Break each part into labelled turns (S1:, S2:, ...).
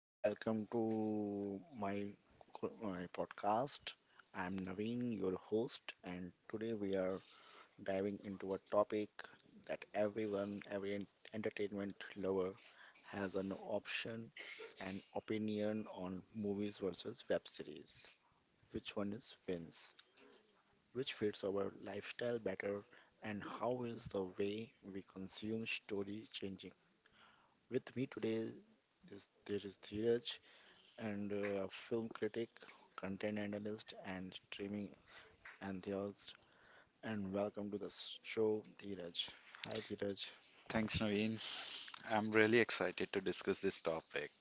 S1: and welcome to my podcast. I'm Naveen, your host, and today we are diving into a topic that every entertainment lover has an option and opinion on movies versus web series. Which one is wins? Which fits our lifestyle better? And how is the way we consume story changing? With me today is Dheeraj and film critic, content analyst, and streaming enthusiast. And welcome to the show, Dheeraj. Hi, Dheeraj.
S2: Thanks, Naveen. I'm really excited to discuss this topic.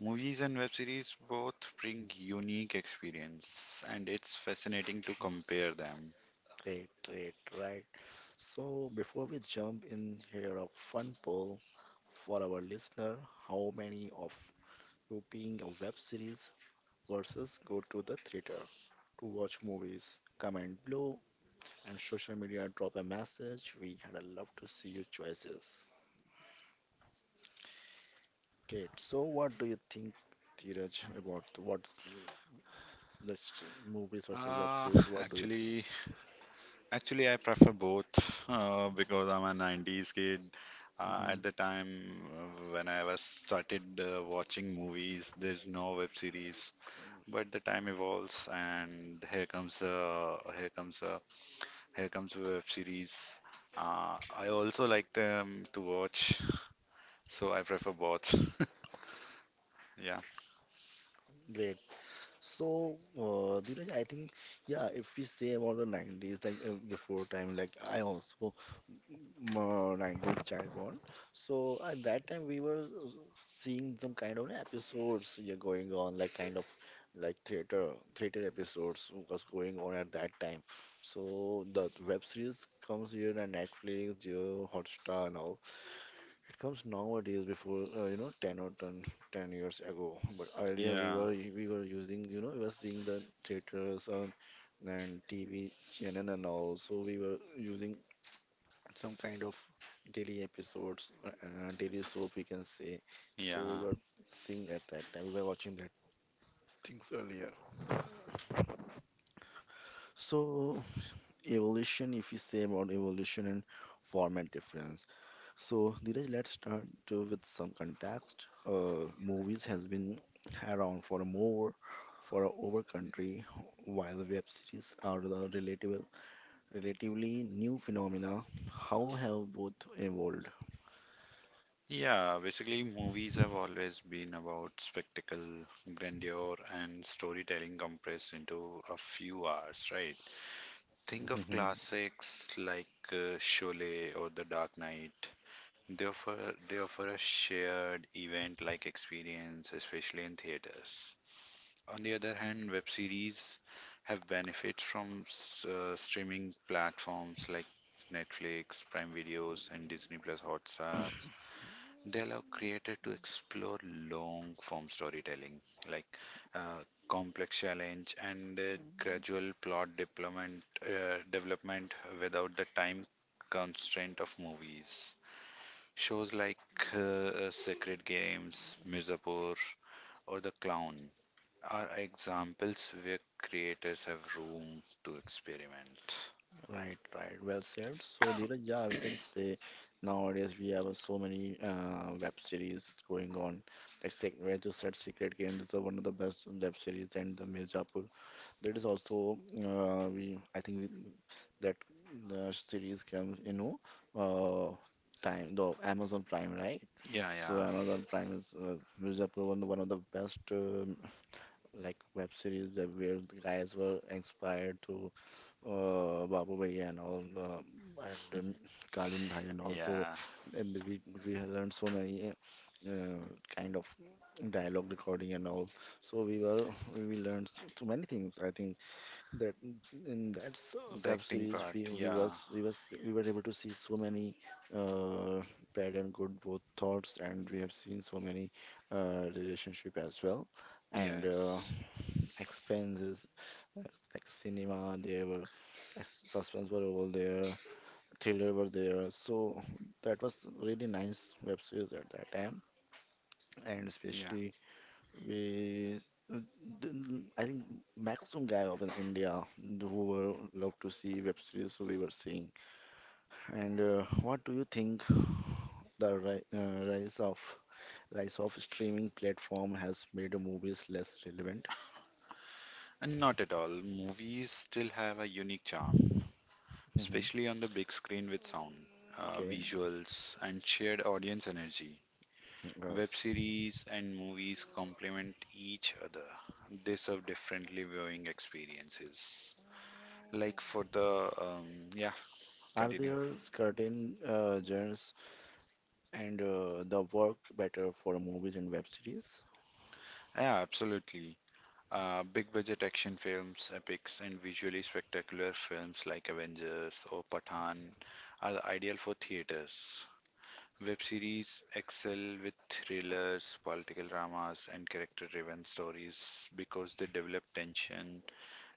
S2: Movies and web series both bring unique experience, and it's fascinating to compare them.
S1: Great, great, right. So, before we jump in here, a fun poll for our listener: How many of you being a web series versus go to the theater to watch movies? Comment below and social media drop a message. We had a love to see your choices. Great. So, what do you think, Dheeraj, about what's this movies versus web
S2: Uh,
S1: series? What do you
S2: Actually, I prefer both because I'm a 90s kid.
S1: think? Hmm.
S2: At the time when I was started watching movies, there's no web series. But the time evolves, and here comes the web series. I also like them to watch, so I prefer both. Yeah,
S1: Great. So, Dheeraj, I think, yeah, if we say about the 90s, like before time, like I also 90s child born. So at that time we were seeing some kind of episodes, yeah, going on, like kind of like theater episodes was going on at that time. So the web series comes here on Netflix, Jio, Hotstar, and all. It comes nowadays before 10 or ten years ago. But earlier we
S2: yeah,
S1: were we were using, you know, we were seeing the theaters on and TV channel and all. So we were using some kind of daily episodes, daily soap we can say. So we
S2: yeah,
S1: were seeing that that time we were watching that things earlier. So evolution, if you say about evolution and format difference. So Dheeraj, let's start with some context. Movies has been around for more for over country, while the web series are the relatively new phenomena. How have both evolved?
S2: yeah. Basically, movies have always been about spectacle, grandeur, and storytelling compressed into a few hours, right? Think of classics like Sholay or The Dark Knight. They offer a shared event-like experience, especially in theaters. On the other hand, web series have benefits from streaming platforms like Netflix, Prime Videos, and Disney Plus Hotstar. They allow creators to explore long form storytelling, like uh, complex challenge and gradual plot development without the time constraint of movies. Shows like uh, Sacred Games, Mirzapur, or The Clown are examples where creators have room to experiment.
S1: Right, right. Well said. So, Dheeraj, yeah, we can say nowadays we have so many web series going on. Like where you said Secret Games is the one of the best web series, and the Mirzapur. That is also we. I think we, that the series comes, you know, uh, time the Amazon Prime, right?
S2: Yeah,
S1: So
S2: yeah,
S1: Amazon Prime is Mirzapur one of the best like web series that where the guys were inspired to Babu Bhai and all and Kalin Bhai and also
S2: yeah.
S1: and we have learned so many uh, kind of dialogue recording and all. So we were we learned so many things. I think that in that
S2: The
S1: web
S2: acting
S1: series
S2: part,
S1: we we
S2: yeah,
S1: was we was we were able to see so many uh, bad and good both thoughts and we have seen so many relationship as well and.
S2: yes,
S1: Expenses like like cinema there were suspense were all there thriller were there so that was really nice web series at that time and
S2: yeah.
S1: especially we I think maximum guy of in India who were love to see web series so we were seeing and what do you think the rise of streaming platform has made movies less relevant.
S2: And not at all. Movies still have a unique charm,
S1: Hmm.
S2: especially on the big screen with sound,
S1: Okay,
S2: visuals, and shared audience energy. Web
S1: yes.
S2: series and movies complement each other. They serve differently viewing experiences. Like for the, yeah,
S1: Are
S2: continue.
S1: there certain genres and the work better for movies and web series?
S2: Yeah, absolutely. Big budget action films, epics, and visually spectacular films like Avengers or Pathan are ideal for theaters. Web series excel with thrillers, political dramas, and character driven stories because they develop tension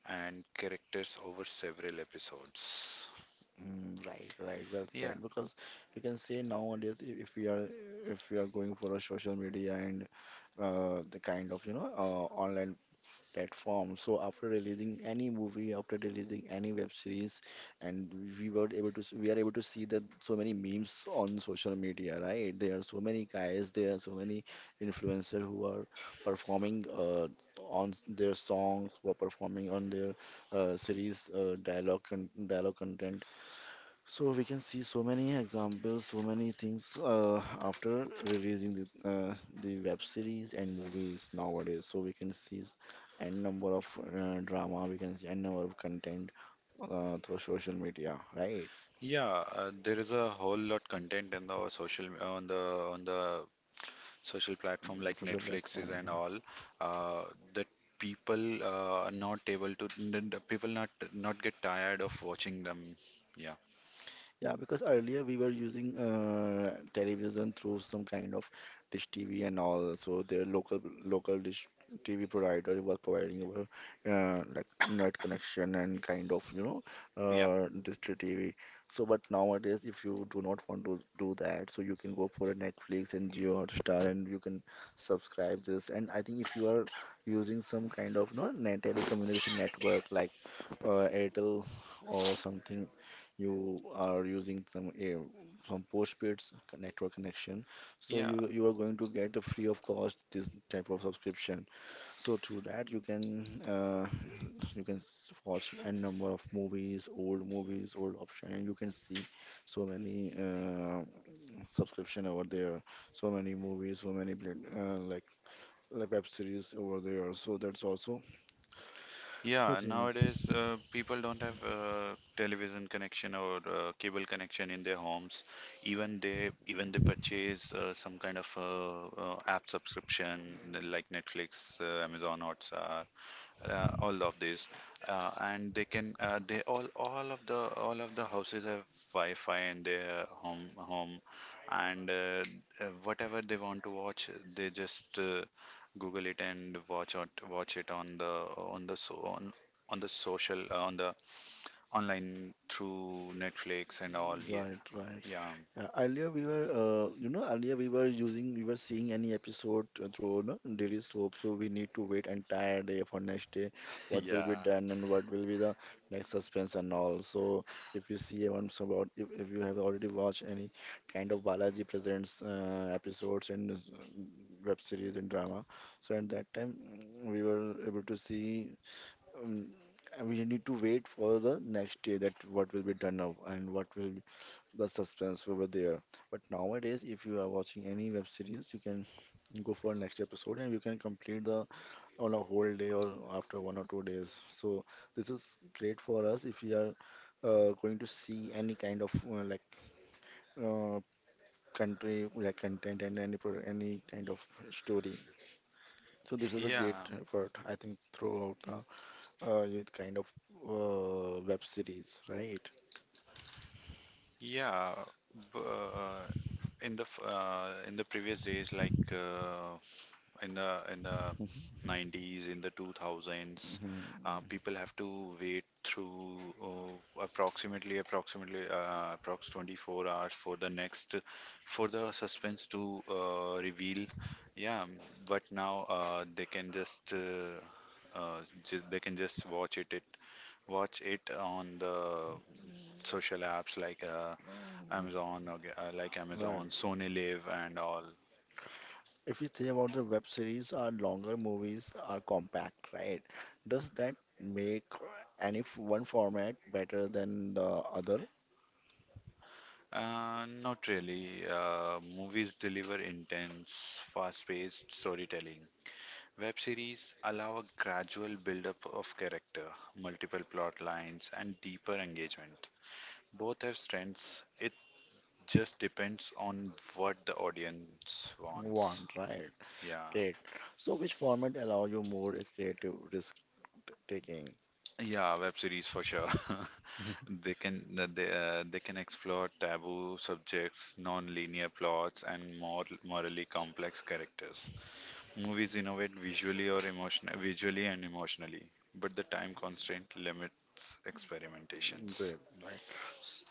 S2: and characters over several episodes.
S1: Mm, right, right. Well
S2: Yeah,
S1: said. Because you can say nowadays, if we are going for a social media and the kind of, you know, online platform. So after releasing any movie, after releasing any web series, and we were able to we are able to see that so many memes on social media, right? There are so many guys, there are so many influencers who are performing on their songs, who are performing on their series dialogue content so we can see so many examples, so many things after releasing the web series and movies nowadays. So we can see n number of drama, we can see n number of content through social media, right?
S2: yeah, there is a whole lot content in the social on the social platform like
S1: Social
S2: Netflixes
S1: platform.
S2: and all, uh, that people are not able to, people not get tired of watching them. Yeah,
S1: Yeah, because earlier we were using television through some kind of dish TV and all. So their local dish TV provider was providing our like net connection and kind of, you know,
S2: yeah,
S1: district TV. So but nowadays, if you do not want to do that, so you can go for a Netflix and Jio Hotstar, and you can subscribe this. And I think if you are using some kind of no net telecommunication network like Airtel or something, you are using some air some postpaid network connection, so
S2: yeah,
S1: you are going to get a free of cost this type of subscription, so through that you can watch a number of movies old option and you can see so many subscription over there so many movies so many like web series over there so that's also the
S2: yeah.
S1: things.
S2: Nowadays, people don't have television connection or cable connection in their homes. Even they purchase some kind of app subscription like Netflix, Amazon Hotstar, all of these, and they can, they all of the houses have Wi-Fi in their home, and whatever they want to watch they just Google it and watch it on the social, on the online through Netflix and all. Yeah,
S1: Right, right.
S2: yeah.
S1: Earlier we were, earlier we were using, we were seeing any episode through no, daily soap, so we need to wait entire day for next day, what will be
S2: Yeah,
S1: done and what will be the next suspense and all. So if you see once about, if you have already watched any kind of Balaji Presents episodes and web series and drama, so at that time we were able to see. Um, and we need to wait for the next day that what will be done now and what will the suspense we were there. But nowadays, if you are watching any web series, you can go for next episode and you can complete the on a whole day or after one or two days. So this is great for us if we are going to see any kind of uh, country like content and any kind of story. So this is a great
S2: yeah,
S1: effort, I think, throughout the youth kind of web series, right?
S2: yeah. b- uh, in the previous days, like, in the 90s, in the 2000s,
S1: Mhm.
S2: people have to wait through approximately approx 24 hours for the next, for the suspense to reveal. Yeah, but now they can just watch it it watch it on the social apps like Amazon or like
S1: Right.
S2: Amazon, Sony Live and all.
S1: If you say about the web series or longer movies are compact, right? Does that make any one format better than the other
S2: Not really. Movies deliver intense, fast-paced storytelling. Web series allow a gradual build-up of character, multiple plot lines, and deeper engagement. Both have strengths. It just depends on what the audience wants.
S1: one, right?
S2: Yeah,
S1: Great. So which format allow you more creative risk taking?
S2: yeah, web series for sure. They can they can explore taboo subjects, non-linear plots, and more morally complex characters. Movies innovate visually and emotionally, but the time constraint limits experimentations.
S1: Great, right. S-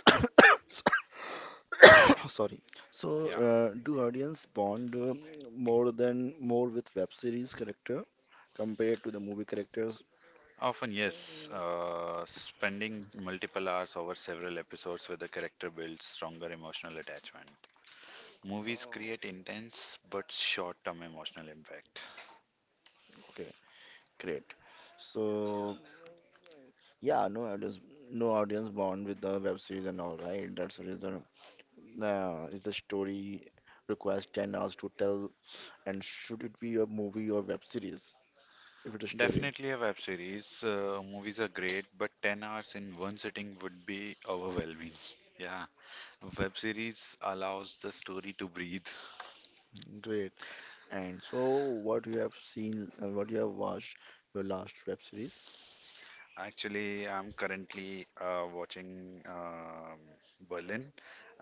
S1: Sorry. So
S2: Yeah,
S1: do audience bond more with web series character compared to the movie characters?
S2: often yes. Spending multiple hours over several episodes with a character builds stronger emotional attachment. Movies
S1: Mm,
S2: create intense but short-term emotional impact.
S1: okay, great. So yeah, no audience bond with the web series and all, right? That's the reason. Is the story requires 10 hours to tell, and should it be a movie or web series? If it's a story,
S2: Definitely a web series. Movies are great, but 10 hours in one sitting would be overwhelming. Yeah, web series allows the story to breathe.
S1: great. And so, what you have seen and what you have watched your last web series?
S2: Actually, I'm currently watching Berlin,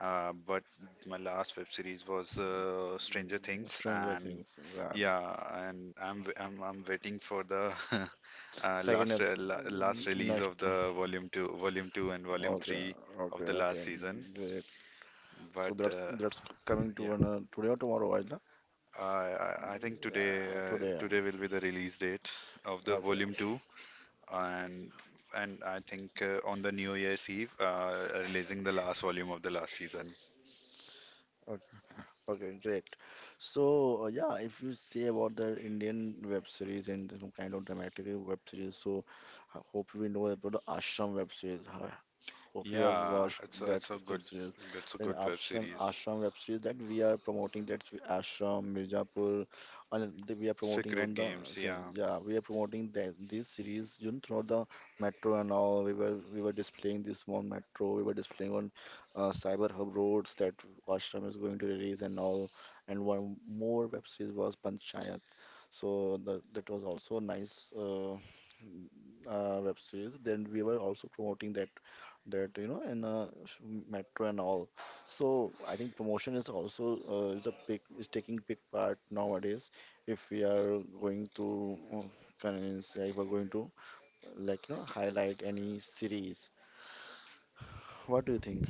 S2: but my last web series was Stranger Things.
S1: Stranger
S2: And
S1: Things. Yeah.
S2: yeah, and I'm w- I'm waiting for the
S1: Second episode,
S2: last release of
S1: next.
S2: the volume two, and volume
S1: Okay,
S2: three
S1: okay,
S2: of the last
S1: okay,
S2: season.
S1: great. So
S2: But
S1: that's that's coming
S2: yeah,
S1: to an, today or tomorrow, right?
S2: I think
S1: Yeah, today.
S2: today will be the release date of the
S1: Okay.
S2: volume two. And and I think on the New Year's Eve, releasing the last volume of the last season.
S1: Okay, great. So, yeah, if you say about the Indian web series and some kind of dramatic web series, so I hope we know about the Ashram web series. Huh? Hope you have
S2: Yeah,
S1: watched that web series.
S2: it's a
S1: Then
S2: good web series.
S1: Ashram web series that we are promoting. That's with Ashram, Mirzapur, and we are promoting
S2: Secret
S1: on the
S2: Games,
S1: so,
S2: yeah,
S1: yeah we are promoting that this series, you know, throughout the metro and all. We were displaying this on metro. We were displaying on cyber hub roads that Ashram is going to release and all. And one more web series was Panchayat. So that was also a nice web series. Then we were also promoting that that, you know, in metro and all, so I think promotion is also is a big is taking big part nowadays if we are going to convince, yeah, if we're going to like, you know, highlight any series, what do you think?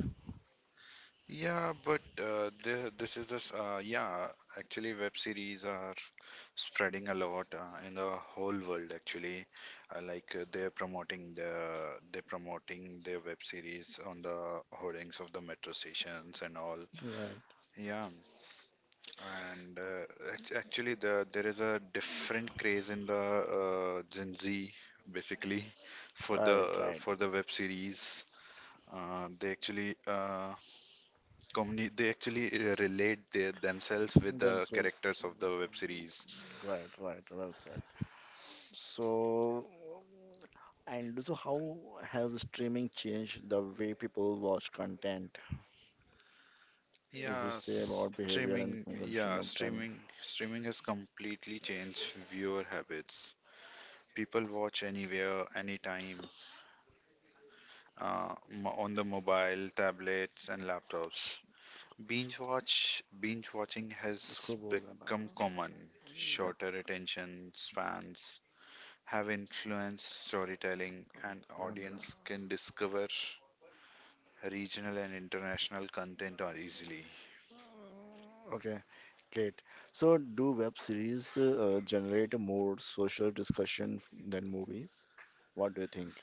S2: yeah, but this this is this yeah. Actually, web series are spreading a lot in the whole world. Actually, like they're promoting their web series on the hoardings of the metro stations and all.
S1: Right.
S2: Yeah. And actually, there is a different craze in the Gen Z, basically, for
S1: Right,
S2: the
S1: right.
S2: for the web series. They actually relate themselves with
S1: Them
S2: the
S1: so.
S2: characters of the web series.
S1: Right, right, well said. So, and so how has streaming changed the way people watch content if we
S2: Yeah,
S1: say about behavior and consumption of content?
S2: Streaming has completely changed viewer habits. People watch anywhere, anytime, on the mobile, tablets, and laptops.
S1: Sh-
S2: Binge watching has
S1: Screwball, um,
S2: become
S1: uh,
S2: common. Shorter attention spans have influenced storytelling, and
S1: yeah, and
S2: audience can discover regional and international content or easily.
S1: okay, great. So, do web series generate more social discussion than movies? What do you think?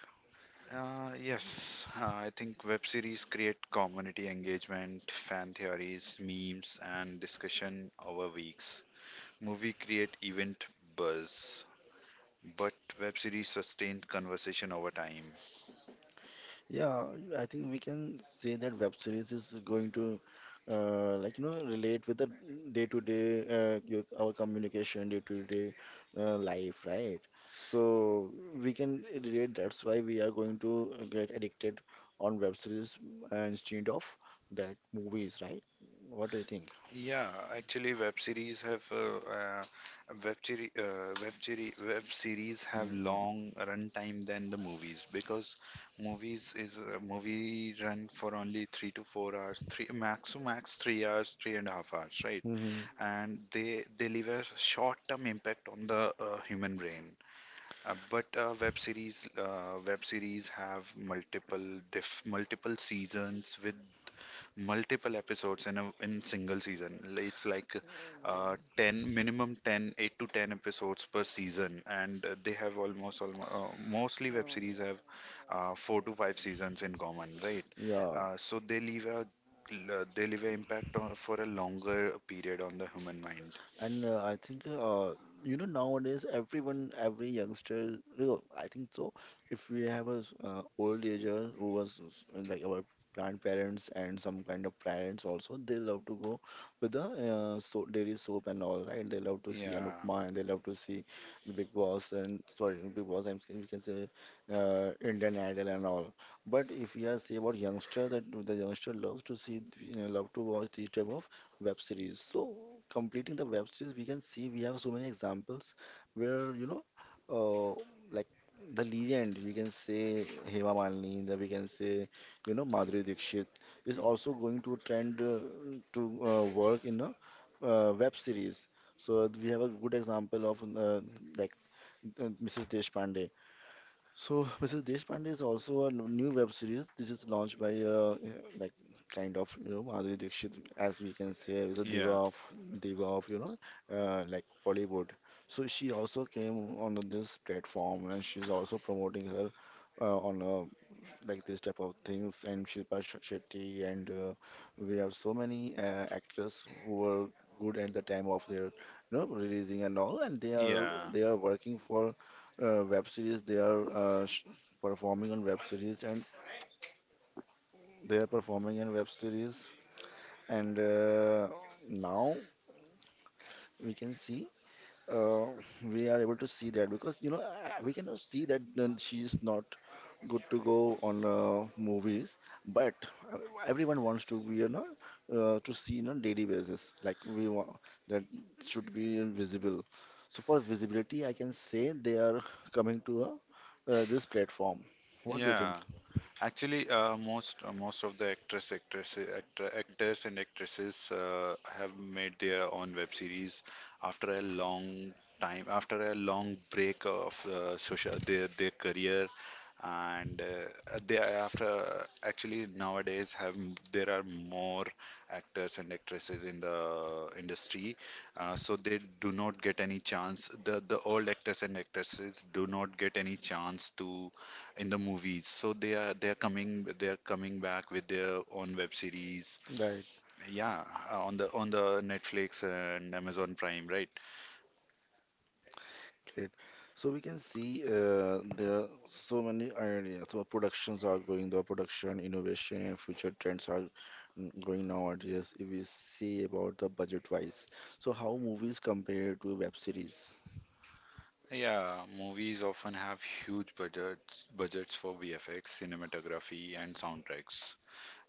S2: Yes, I think web series create community engagement, fan theories, memes, and discussion over weeks. Movie create event buzz, but web series sustain conversation over time.
S1: Yeah, I think we can say that web series is going to like, you know, relate with the day to day your our communication day to day life, right? So we can relate. That's why we are going to get addicted on web series instead of that movies, right? What do you think?
S2: Yeah, actually, web series have
S1: Mm-hmm.
S2: long run time than the movies because movies is a movie run for only 3 to 4 hours, three max to max 3 hours, three and a half hours, right?
S1: Mm-hmm.
S2: And they leave a short-term impact on the human brain. But web series have multiple seasons with multiple episodes in single season. It's like 10 minimum 10 8 to 10 episodes per season, and they have almost almost mostly web series have 4 to 5 seasons in common, right.
S1: Yeah.
S2: So they leave a they leave an impact on, for a longer period on the human mind.
S1: And I think you know nowadays everyone, every youngster, you know, I think so. If we have a old ager who was like our grandparents and some kind of parents also, they love to go with the so daily soap and all, right? They love to see
S2: Yeah,
S1: Anupma and they love to see the Big Boss and sorry, not Big Boss. I'm saying we can say Indian Idol and all. But if we are say about youngster, that the youngster loves to see, love to watch these type of web series. So completing the web series, we can see we have so many examples where uh, like the legend. You can say Hema Malini, then we can say Madhuri Dixit is also going to trend to work in a web series. So we have a good example of like Mrs. Deshpande. So, Mrs. Deshpande is also a new web series. This is launched by like, kind of, Madhuri Dixit, as we can say, is a diva
S2: yeah,
S1: of, diva of, like Bollywood. So she also came on this platform, and she's also promoting her on a like this type of things and Shilpa Shetty and we have so many actors who were good at the time of their releasing and all and they are
S2: yeah,
S1: they are working for web series they are performing on web series and they are performing in web series and now we can see uh, we are able to see that because we can see that then she is not good to go on movies, but uh, everyone wants to be to see on daily basis. Like we want that should be visible. So for visibility, I can say they are coming to this platform. What do you
S2: yeah.
S1: think?
S2: Actually, most of the actors and actresses have made their own web series after a long time, after a long break of social their career, and they are after actually nowadays have there are more actors and actresses in the industry. So they do not get any chance. The old actors and actresses do not get any chance to in the movies. So they're coming back with their own web series. Yeah, on the Netflix and Amazon Prime, right?
S1: Great. So we can see there are so many ideas. So productions are going, the production, innovation, and future trends are going nowadays. If we see about the budget-wise, so how movies compare to web series?
S2: Yeah, movies often have huge budgets for VFX, cinematography, and soundtracks.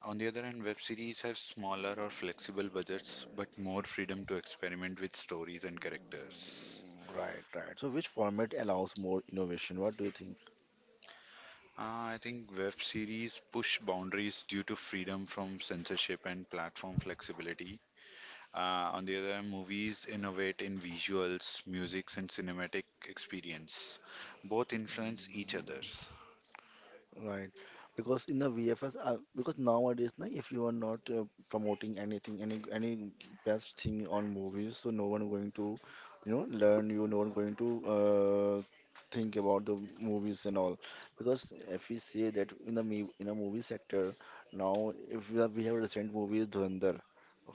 S2: On the other hand, web series have smaller or flexible budgets, but more freedom to experiment with stories and characters.
S1: Right, right. So which format allows more innovation? What do you think?
S2: I think web series push boundaries due to freedom from censorship and platform flexibility. On the other hand, movies innovate in visuals, musics, and cinematic experience. Both influence each others.
S1: Right. Because in the VFS, because nowadays, na, if you are not promoting anything, any best thing on movies, so no one going to, learn you, no one going to think about the movies and all. Because if we say that in the in a movie sector, now if we have, we have recent movie Dhurandhar,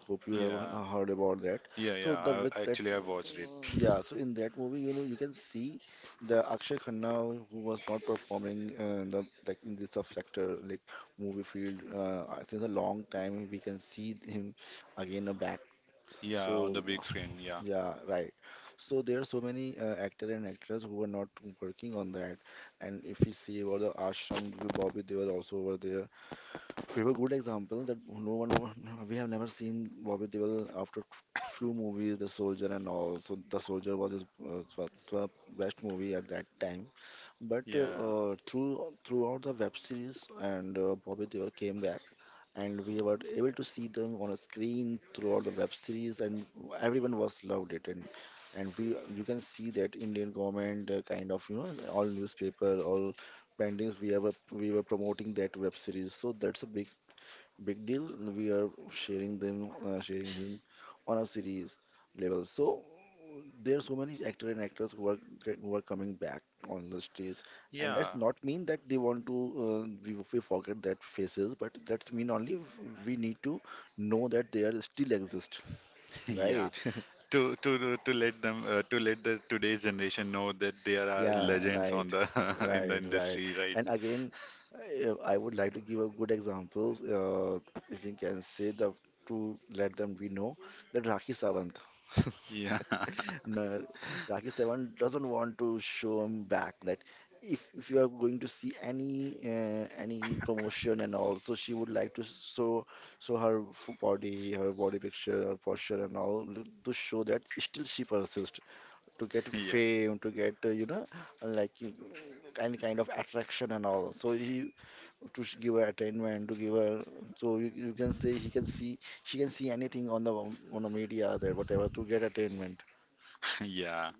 S1: hope you have
S2: Yeah,
S1: heard about that.
S2: yeah,
S1: So
S2: yeah.
S1: the with
S2: I,
S1: that,
S2: actually, I watched it.
S1: yeah. So in that movie, you know, you can see the Akshay Khanna who was not performing the like in this sub sector like movie field I think a long time we can see him again back.
S2: Yeah, on
S1: So
S2: the big screen. Yeah,
S1: yeah, right, so there are so many actor and actress who are not working on that, and if we see about the Ashram, the Bobby Deol also over there, we have a good example that no one wa- we have never seen Bobby Deol after few movies, the soldier and all. So the soldier was his was the best movie at that time, but
S2: yeah,
S1: throughout the web series and Bobby Deol came back, and we were able to see them on a screen throughout the web series, and everyone was loved it, and we, you can see that Indian government, kind of, all newspaper, all paintings we were promoting that web series, so that's a big big deal. We are sharing them, sharing him on a series level. So there are so many actors and actors who are who are coming back on the stage, and
S2: yeah.
S1: that's not mean that they want to, we forget that faces, but that's mean only we need to know that they are still exist,
S2: Yeah.
S1: right?
S2: To let them to let the today's generation know that there are
S1: Yeah,
S2: legends
S1: right,
S2: on the in the
S1: right, right.
S2: industry, right?
S1: And again, I would like to give a good example. If we can say the to let them we know that Rakhi Sawant,
S2: Yeah.
S1: no, Rakhi Sawant doesn't want to show him back. That if you are going to see any promotion and all, so she would like to show her body, her body picture, her posture and all, to show that still she persists to get
S2: Yeah.
S1: fame, to get, like, any kind of attraction and all. So he, give her attainment, to give her, so you can say he can see she can see anything on the media there, whatever, to get attainment,
S2: Yeah.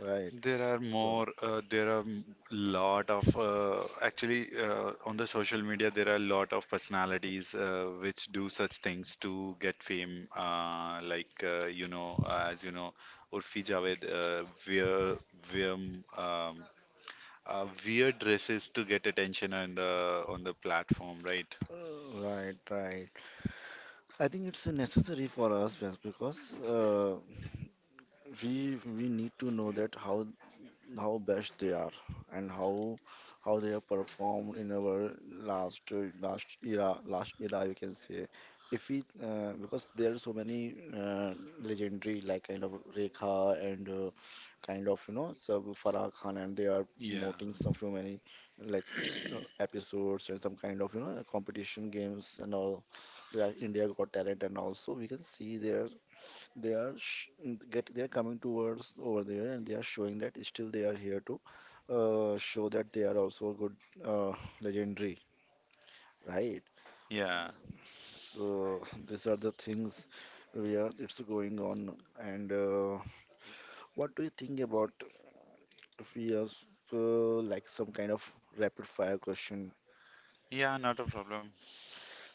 S1: right? So
S2: There are m- lot of, actually, on the social media, there are a lot of personalities which do such things to get fame. Like, as you know, Urfi Javed wear, um, um, wear dresses to get attention on the platform, right?
S1: right, right. I think it's necessary for us best, because we need to know that how best they are, and how they have performed in our last era, you can say. If we Because there are so many legendary, like kind of Rekha, and kind of, sub Farah Khan, and they are
S2: Yeah,
S1: promoting some few many, like, episodes and some kind of competition games and all, like India Got Talent. And also we can see there, they are sh they are coming towards over there and they are showing that still they are here to show that they are also a good uh, legendary, right?
S2: yeah,
S1: So these are the things we are, it's going on. And what do you think about, if we have like some kind of rapid fire question?
S2: yeah, not a problem.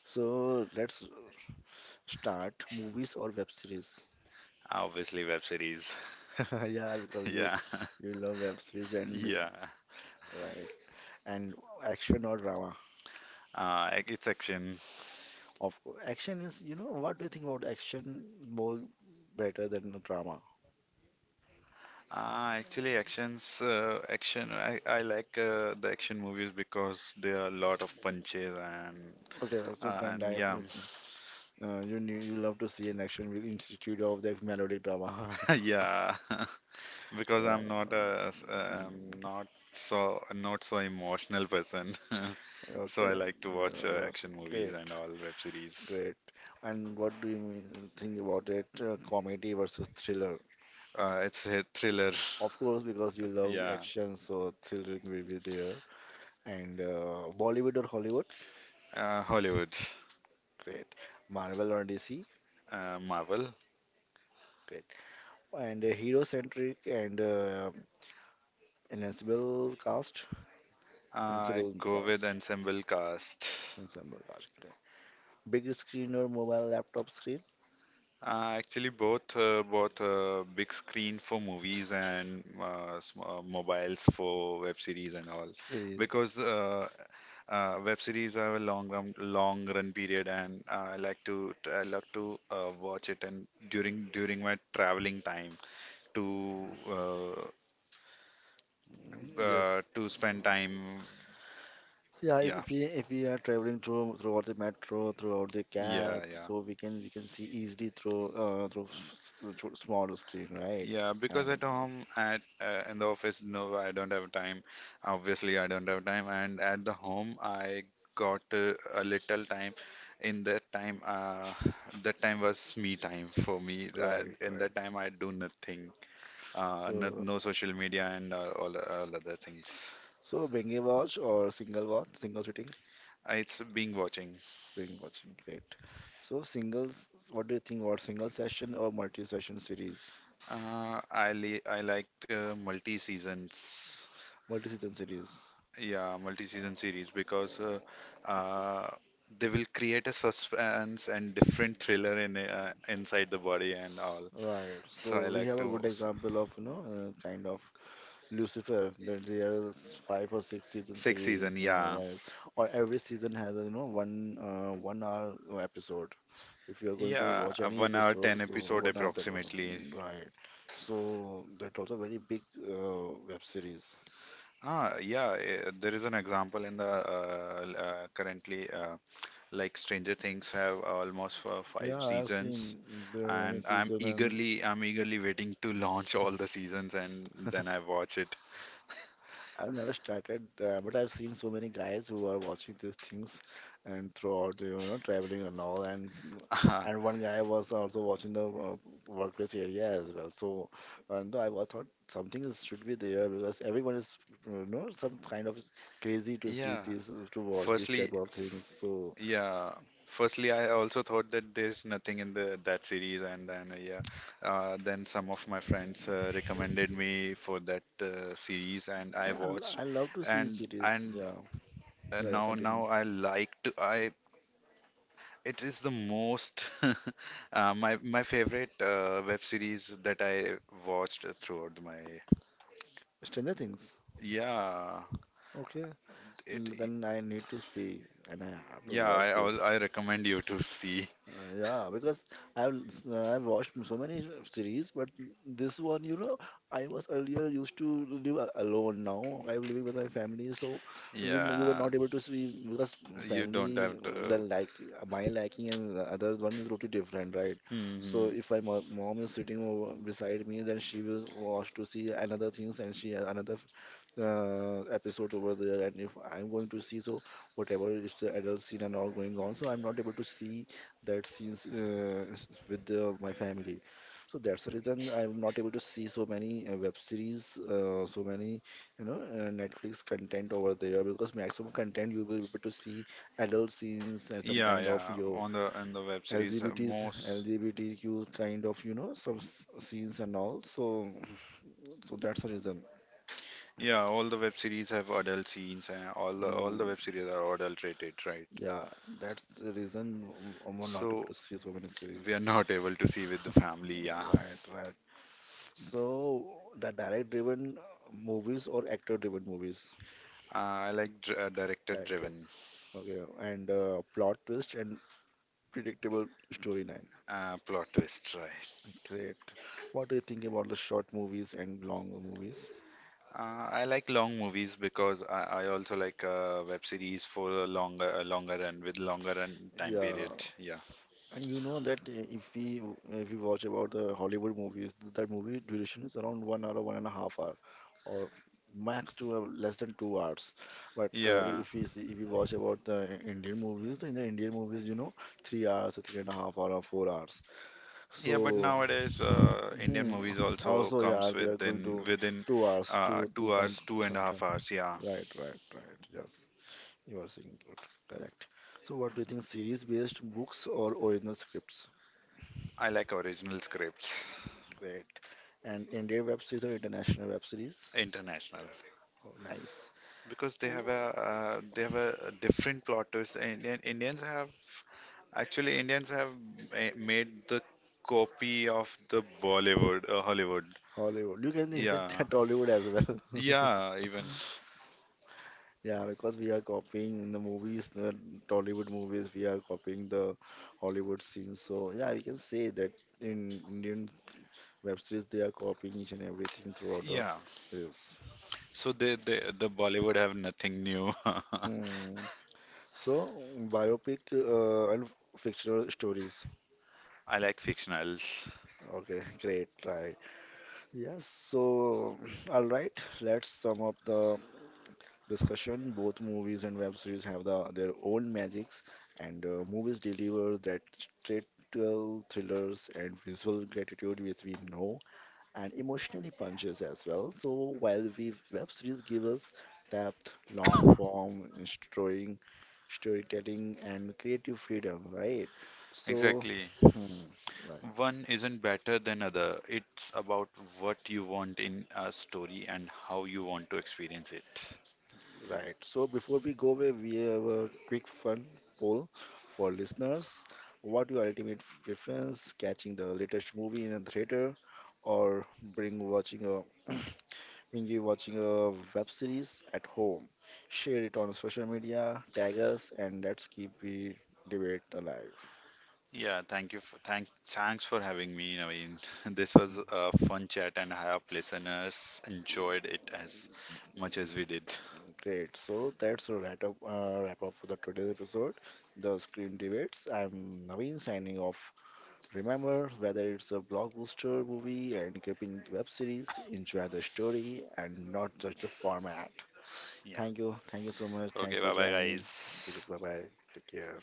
S1: So let's start. Movies or web series?
S2: Obviously, web series.
S1: Yeah, because you
S2: Yeah.
S1: you love web series, and
S2: Yeah.
S1: right. And action or drama?
S2: It's action.
S1: Of course. Action is, what do you think about action more better than a drama?
S2: Actually, action. I like the action movies because there are a lot of punches, and
S1: Okay, so kind
S2: and
S1: of,
S2: yeah.
S1: you knew, you love to see an action movie instead of the melodic drama.
S2: Yeah. Because
S1: Right.
S2: I'm not so emotional person. So I
S1: Okay,
S2: like to
S1: yeah,
S2: watch
S1: that's
S2: action movies
S1: great,
S2: and all web series.
S1: great. And what do you mean, think about it? Comedy versus thriller.
S2: It's a thriller.
S1: Of course, because you love
S2: Yeah,
S1: action, so thriller will be there. And Bollywood or Hollywood?
S2: Hollywood.
S1: Great. Marvel or DC?
S2: Marvel.
S1: Great. And a hero-centric and ensemble cast,
S2: Uh, I
S1: ensemble
S2: go with
S1: cast,
S2: ensemble cast.
S1: ensemble cast. Correct. Big screen or mobile laptop screen
S2: Actually, both big screen for movies and sm mobiles for web series and all,
S1: series.
S2: because web series have a long run period, and I like to watch it and during my traveling time to uh,
S1: Mm, yes.
S2: to spend time.
S1: Yeah, if,
S2: Yeah,
S1: if we are traveling throughout the metro, throughout the cab,
S2: yeah, yeah.
S1: so we can see easily through through small screen, right?
S2: Yeah, because
S1: And
S2: at home, at in the office, no, I don't have time. Obviously, I don't have time. And at the home, I got a little time. In that time, uh, that time was me time for me.
S1: right,
S2: In
S1: right.
S2: that time, I do nothing. No,
S1: So
S2: no social media and all other things.
S1: binge watch or single watch, single sitting.
S2: It's being watching.
S1: Doing watching, great. So singles, what do you think about single session or multi-session series?
S2: I liked multi seasons.
S1: Multi-season series.
S2: Yeah, multi-season series
S1: Uh,
S2: because uh, they will create a suspense and different thriller in inside the body and all.
S1: Right.
S2: So
S1: So
S2: I
S1: we
S2: like
S1: have a
S2: to
S1: good example of, kind of Lucifer. That there's five or six season
S2: six season.
S1: series,
S2: Yeah,
S1: right? Or every season has, a, one hour episode. If you are going to
S2: yeah,
S1: watch any
S2: 1 hour
S1: episode,
S2: ten
S1: so
S2: episode
S1: 1 hour, episode,
S2: approximately.
S1: right? So that's also very big web series.
S2: Yeah, there is an example in the currently, like Stranger Things have almost five
S1: Yeah, I've
S2: seasons.
S1: seen there are many
S2: And
S1: season. And
S2: I'm eagerly waiting to launch all the seasons, and then I watch it.
S1: I've never started, but I've seen so many guys who are watching these things and throughout, traveling and all. And one guy was also watching the workplace area as well. So, and I thought something is, should be there, because everyone is, some kind of crazy to see
S2: Yeah.
S1: this, to watch these
S2: Firstly,
S1: type of
S2: f-
S1: things. So
S2: yeah. Firstly, I also thought that there's nothing in the that series, and then yeah, then some of my friends recommended me for that series, and
S1: I,
S2: I
S1: I,
S2: watched.
S1: I love to see
S2: and
S1: cities.
S2: and
S1: Yeah,
S2: uh,
S1: yeah,
S2: now
S1: continue.
S2: now I like to I it is the most my favorite web series that I watched throughout my.
S1: Stranger Things.
S2: Yeah,
S1: Okay.
S2: it
S1: Then I need to see, and I have to
S2: yeah.
S1: watch
S2: I
S1: this.
S2: recommend you to see.
S1: Yeah, because I've, I've watched so many series, but this one, I was earlier used to live alone. Now I'm living with my family, so we were not- you were
S2: Yeah,
S1: not able to see, because
S2: you don't
S1: family,
S2: have to.
S1: the like my liking and the other one is totally different, right? So
S2: Hmm.
S1: if my mom is sitting over beside me, then she will watch to see another things, and she another episode over there. And if I'm going to see, so whatever is the adult scene and all going on, so I'm not able to see that scenes, with my family. So that's the reason, I'm not able to see so many web series, so many, Netflix content over there, because maximum content you will be able to see adult scenes and some
S2: Yeah,
S1: kind of
S2: yeah.
S1: your
S2: On the and the web series,
S1: lgbt's LGBTQ kind of, some scenes and all. So that's the reason.
S2: all the web series have adult scenes, and all the
S1: Hmm.
S2: web series are adult rated, right?
S1: Yeah, that's the reason, I'm not able to
S2: So
S1: see so many
S2: we
S1: series.
S2: are not able to see with the family. Yeah.
S1: Right, right. So the direct-driven movies or actor-driven movies?
S2: I like dr
S1: Director.
S2: director-driven.
S1: Okay. And plot twist and predictable storyline.
S2: Plot twist, right?
S1: Great. What do you think about the short movies and long movies?
S2: I like long movies because I also like web series for a longer run with longer run time
S1: Yeah.
S2: period. Yeah,
S1: And you know that, if we watch about the Hollywood movies, that movie duration is around 1 hour, 1.5 hour, or max to less than 2 hours. But
S2: yeah.
S1: if we watch about the Indian movies, then the Indian movies, you know, 3 hours, or 3.5 hour, or 4 hours.
S2: Yeah, but
S1: So
S2: nowadays Indian
S1: hmm,
S2: movies also
S1: also, yeah,
S2: comes
S1: they are going to
S2: within
S1: 2 hours, two
S2: two
S1: point
S2: hours, two and a
S1: three.
S2: half hours. Yeah,
S1: Right, right, right. Yes, you are saying good, correct. So, what do you think, series-based books or original scripts?
S2: I like original scripts.
S1: Great. And Indian web series or international web series?
S2: International,
S1: Oh, nice.
S2: because they have a different plot twist. Indians have made the copy of the Hollywood.
S1: Hollywood. You can extend
S2: Yeah,
S1: that Tollywood as well.
S2: yeah, even
S1: Yeah, because we are copying in the movies, the Tollywood movies, we are copying the Hollywood scenes. So yeah, we can say that in Indian web series they are copying each and everything throughout the
S2: yeah.
S1: this.
S2: So the Bollywood have nothing new.
S1: Hmm. So biopic and fictional stories.
S2: I like fictionals.
S1: Okay, great, right. Yes, so all right, let's sum up the discussion. Both movies and web series have their own magics, and movies deliver that satirical thrillers and visual gratitude, which we know, and emotionally punches as well. So while we web series give us depth, long form, and storytelling, and creative freedom, right? So,
S2: Exactly.
S1: hmm, right.
S2: One isn't better than other. It's about what you want in a story and how you want to experience it.
S1: Right. So before we go away, we have a quick fun poll for listeners. What your ultimate preference? Catching the latest movie in a theater, or bring watching a bring you watching a web series at home? Share it on social media, tag us, and let's keep the debate alive.
S2: Yeah, thanks for having me, Naveen. This was a fun chat, and I hope listeners enjoyed it as much as we did.
S1: Great. So that's a wrap up for the today's episode, the screen debates. I'm Naveen signing off. Remember, whether it's a blockbuster movie, an gripping web series, enjoy the story and not just the format.
S2: Yeah.
S1: Thank you. Thank you so much.
S2: Okay,
S1: Thanks for
S2: bye bye
S1: joining. Bye
S2: guys.
S1: bye. Take care.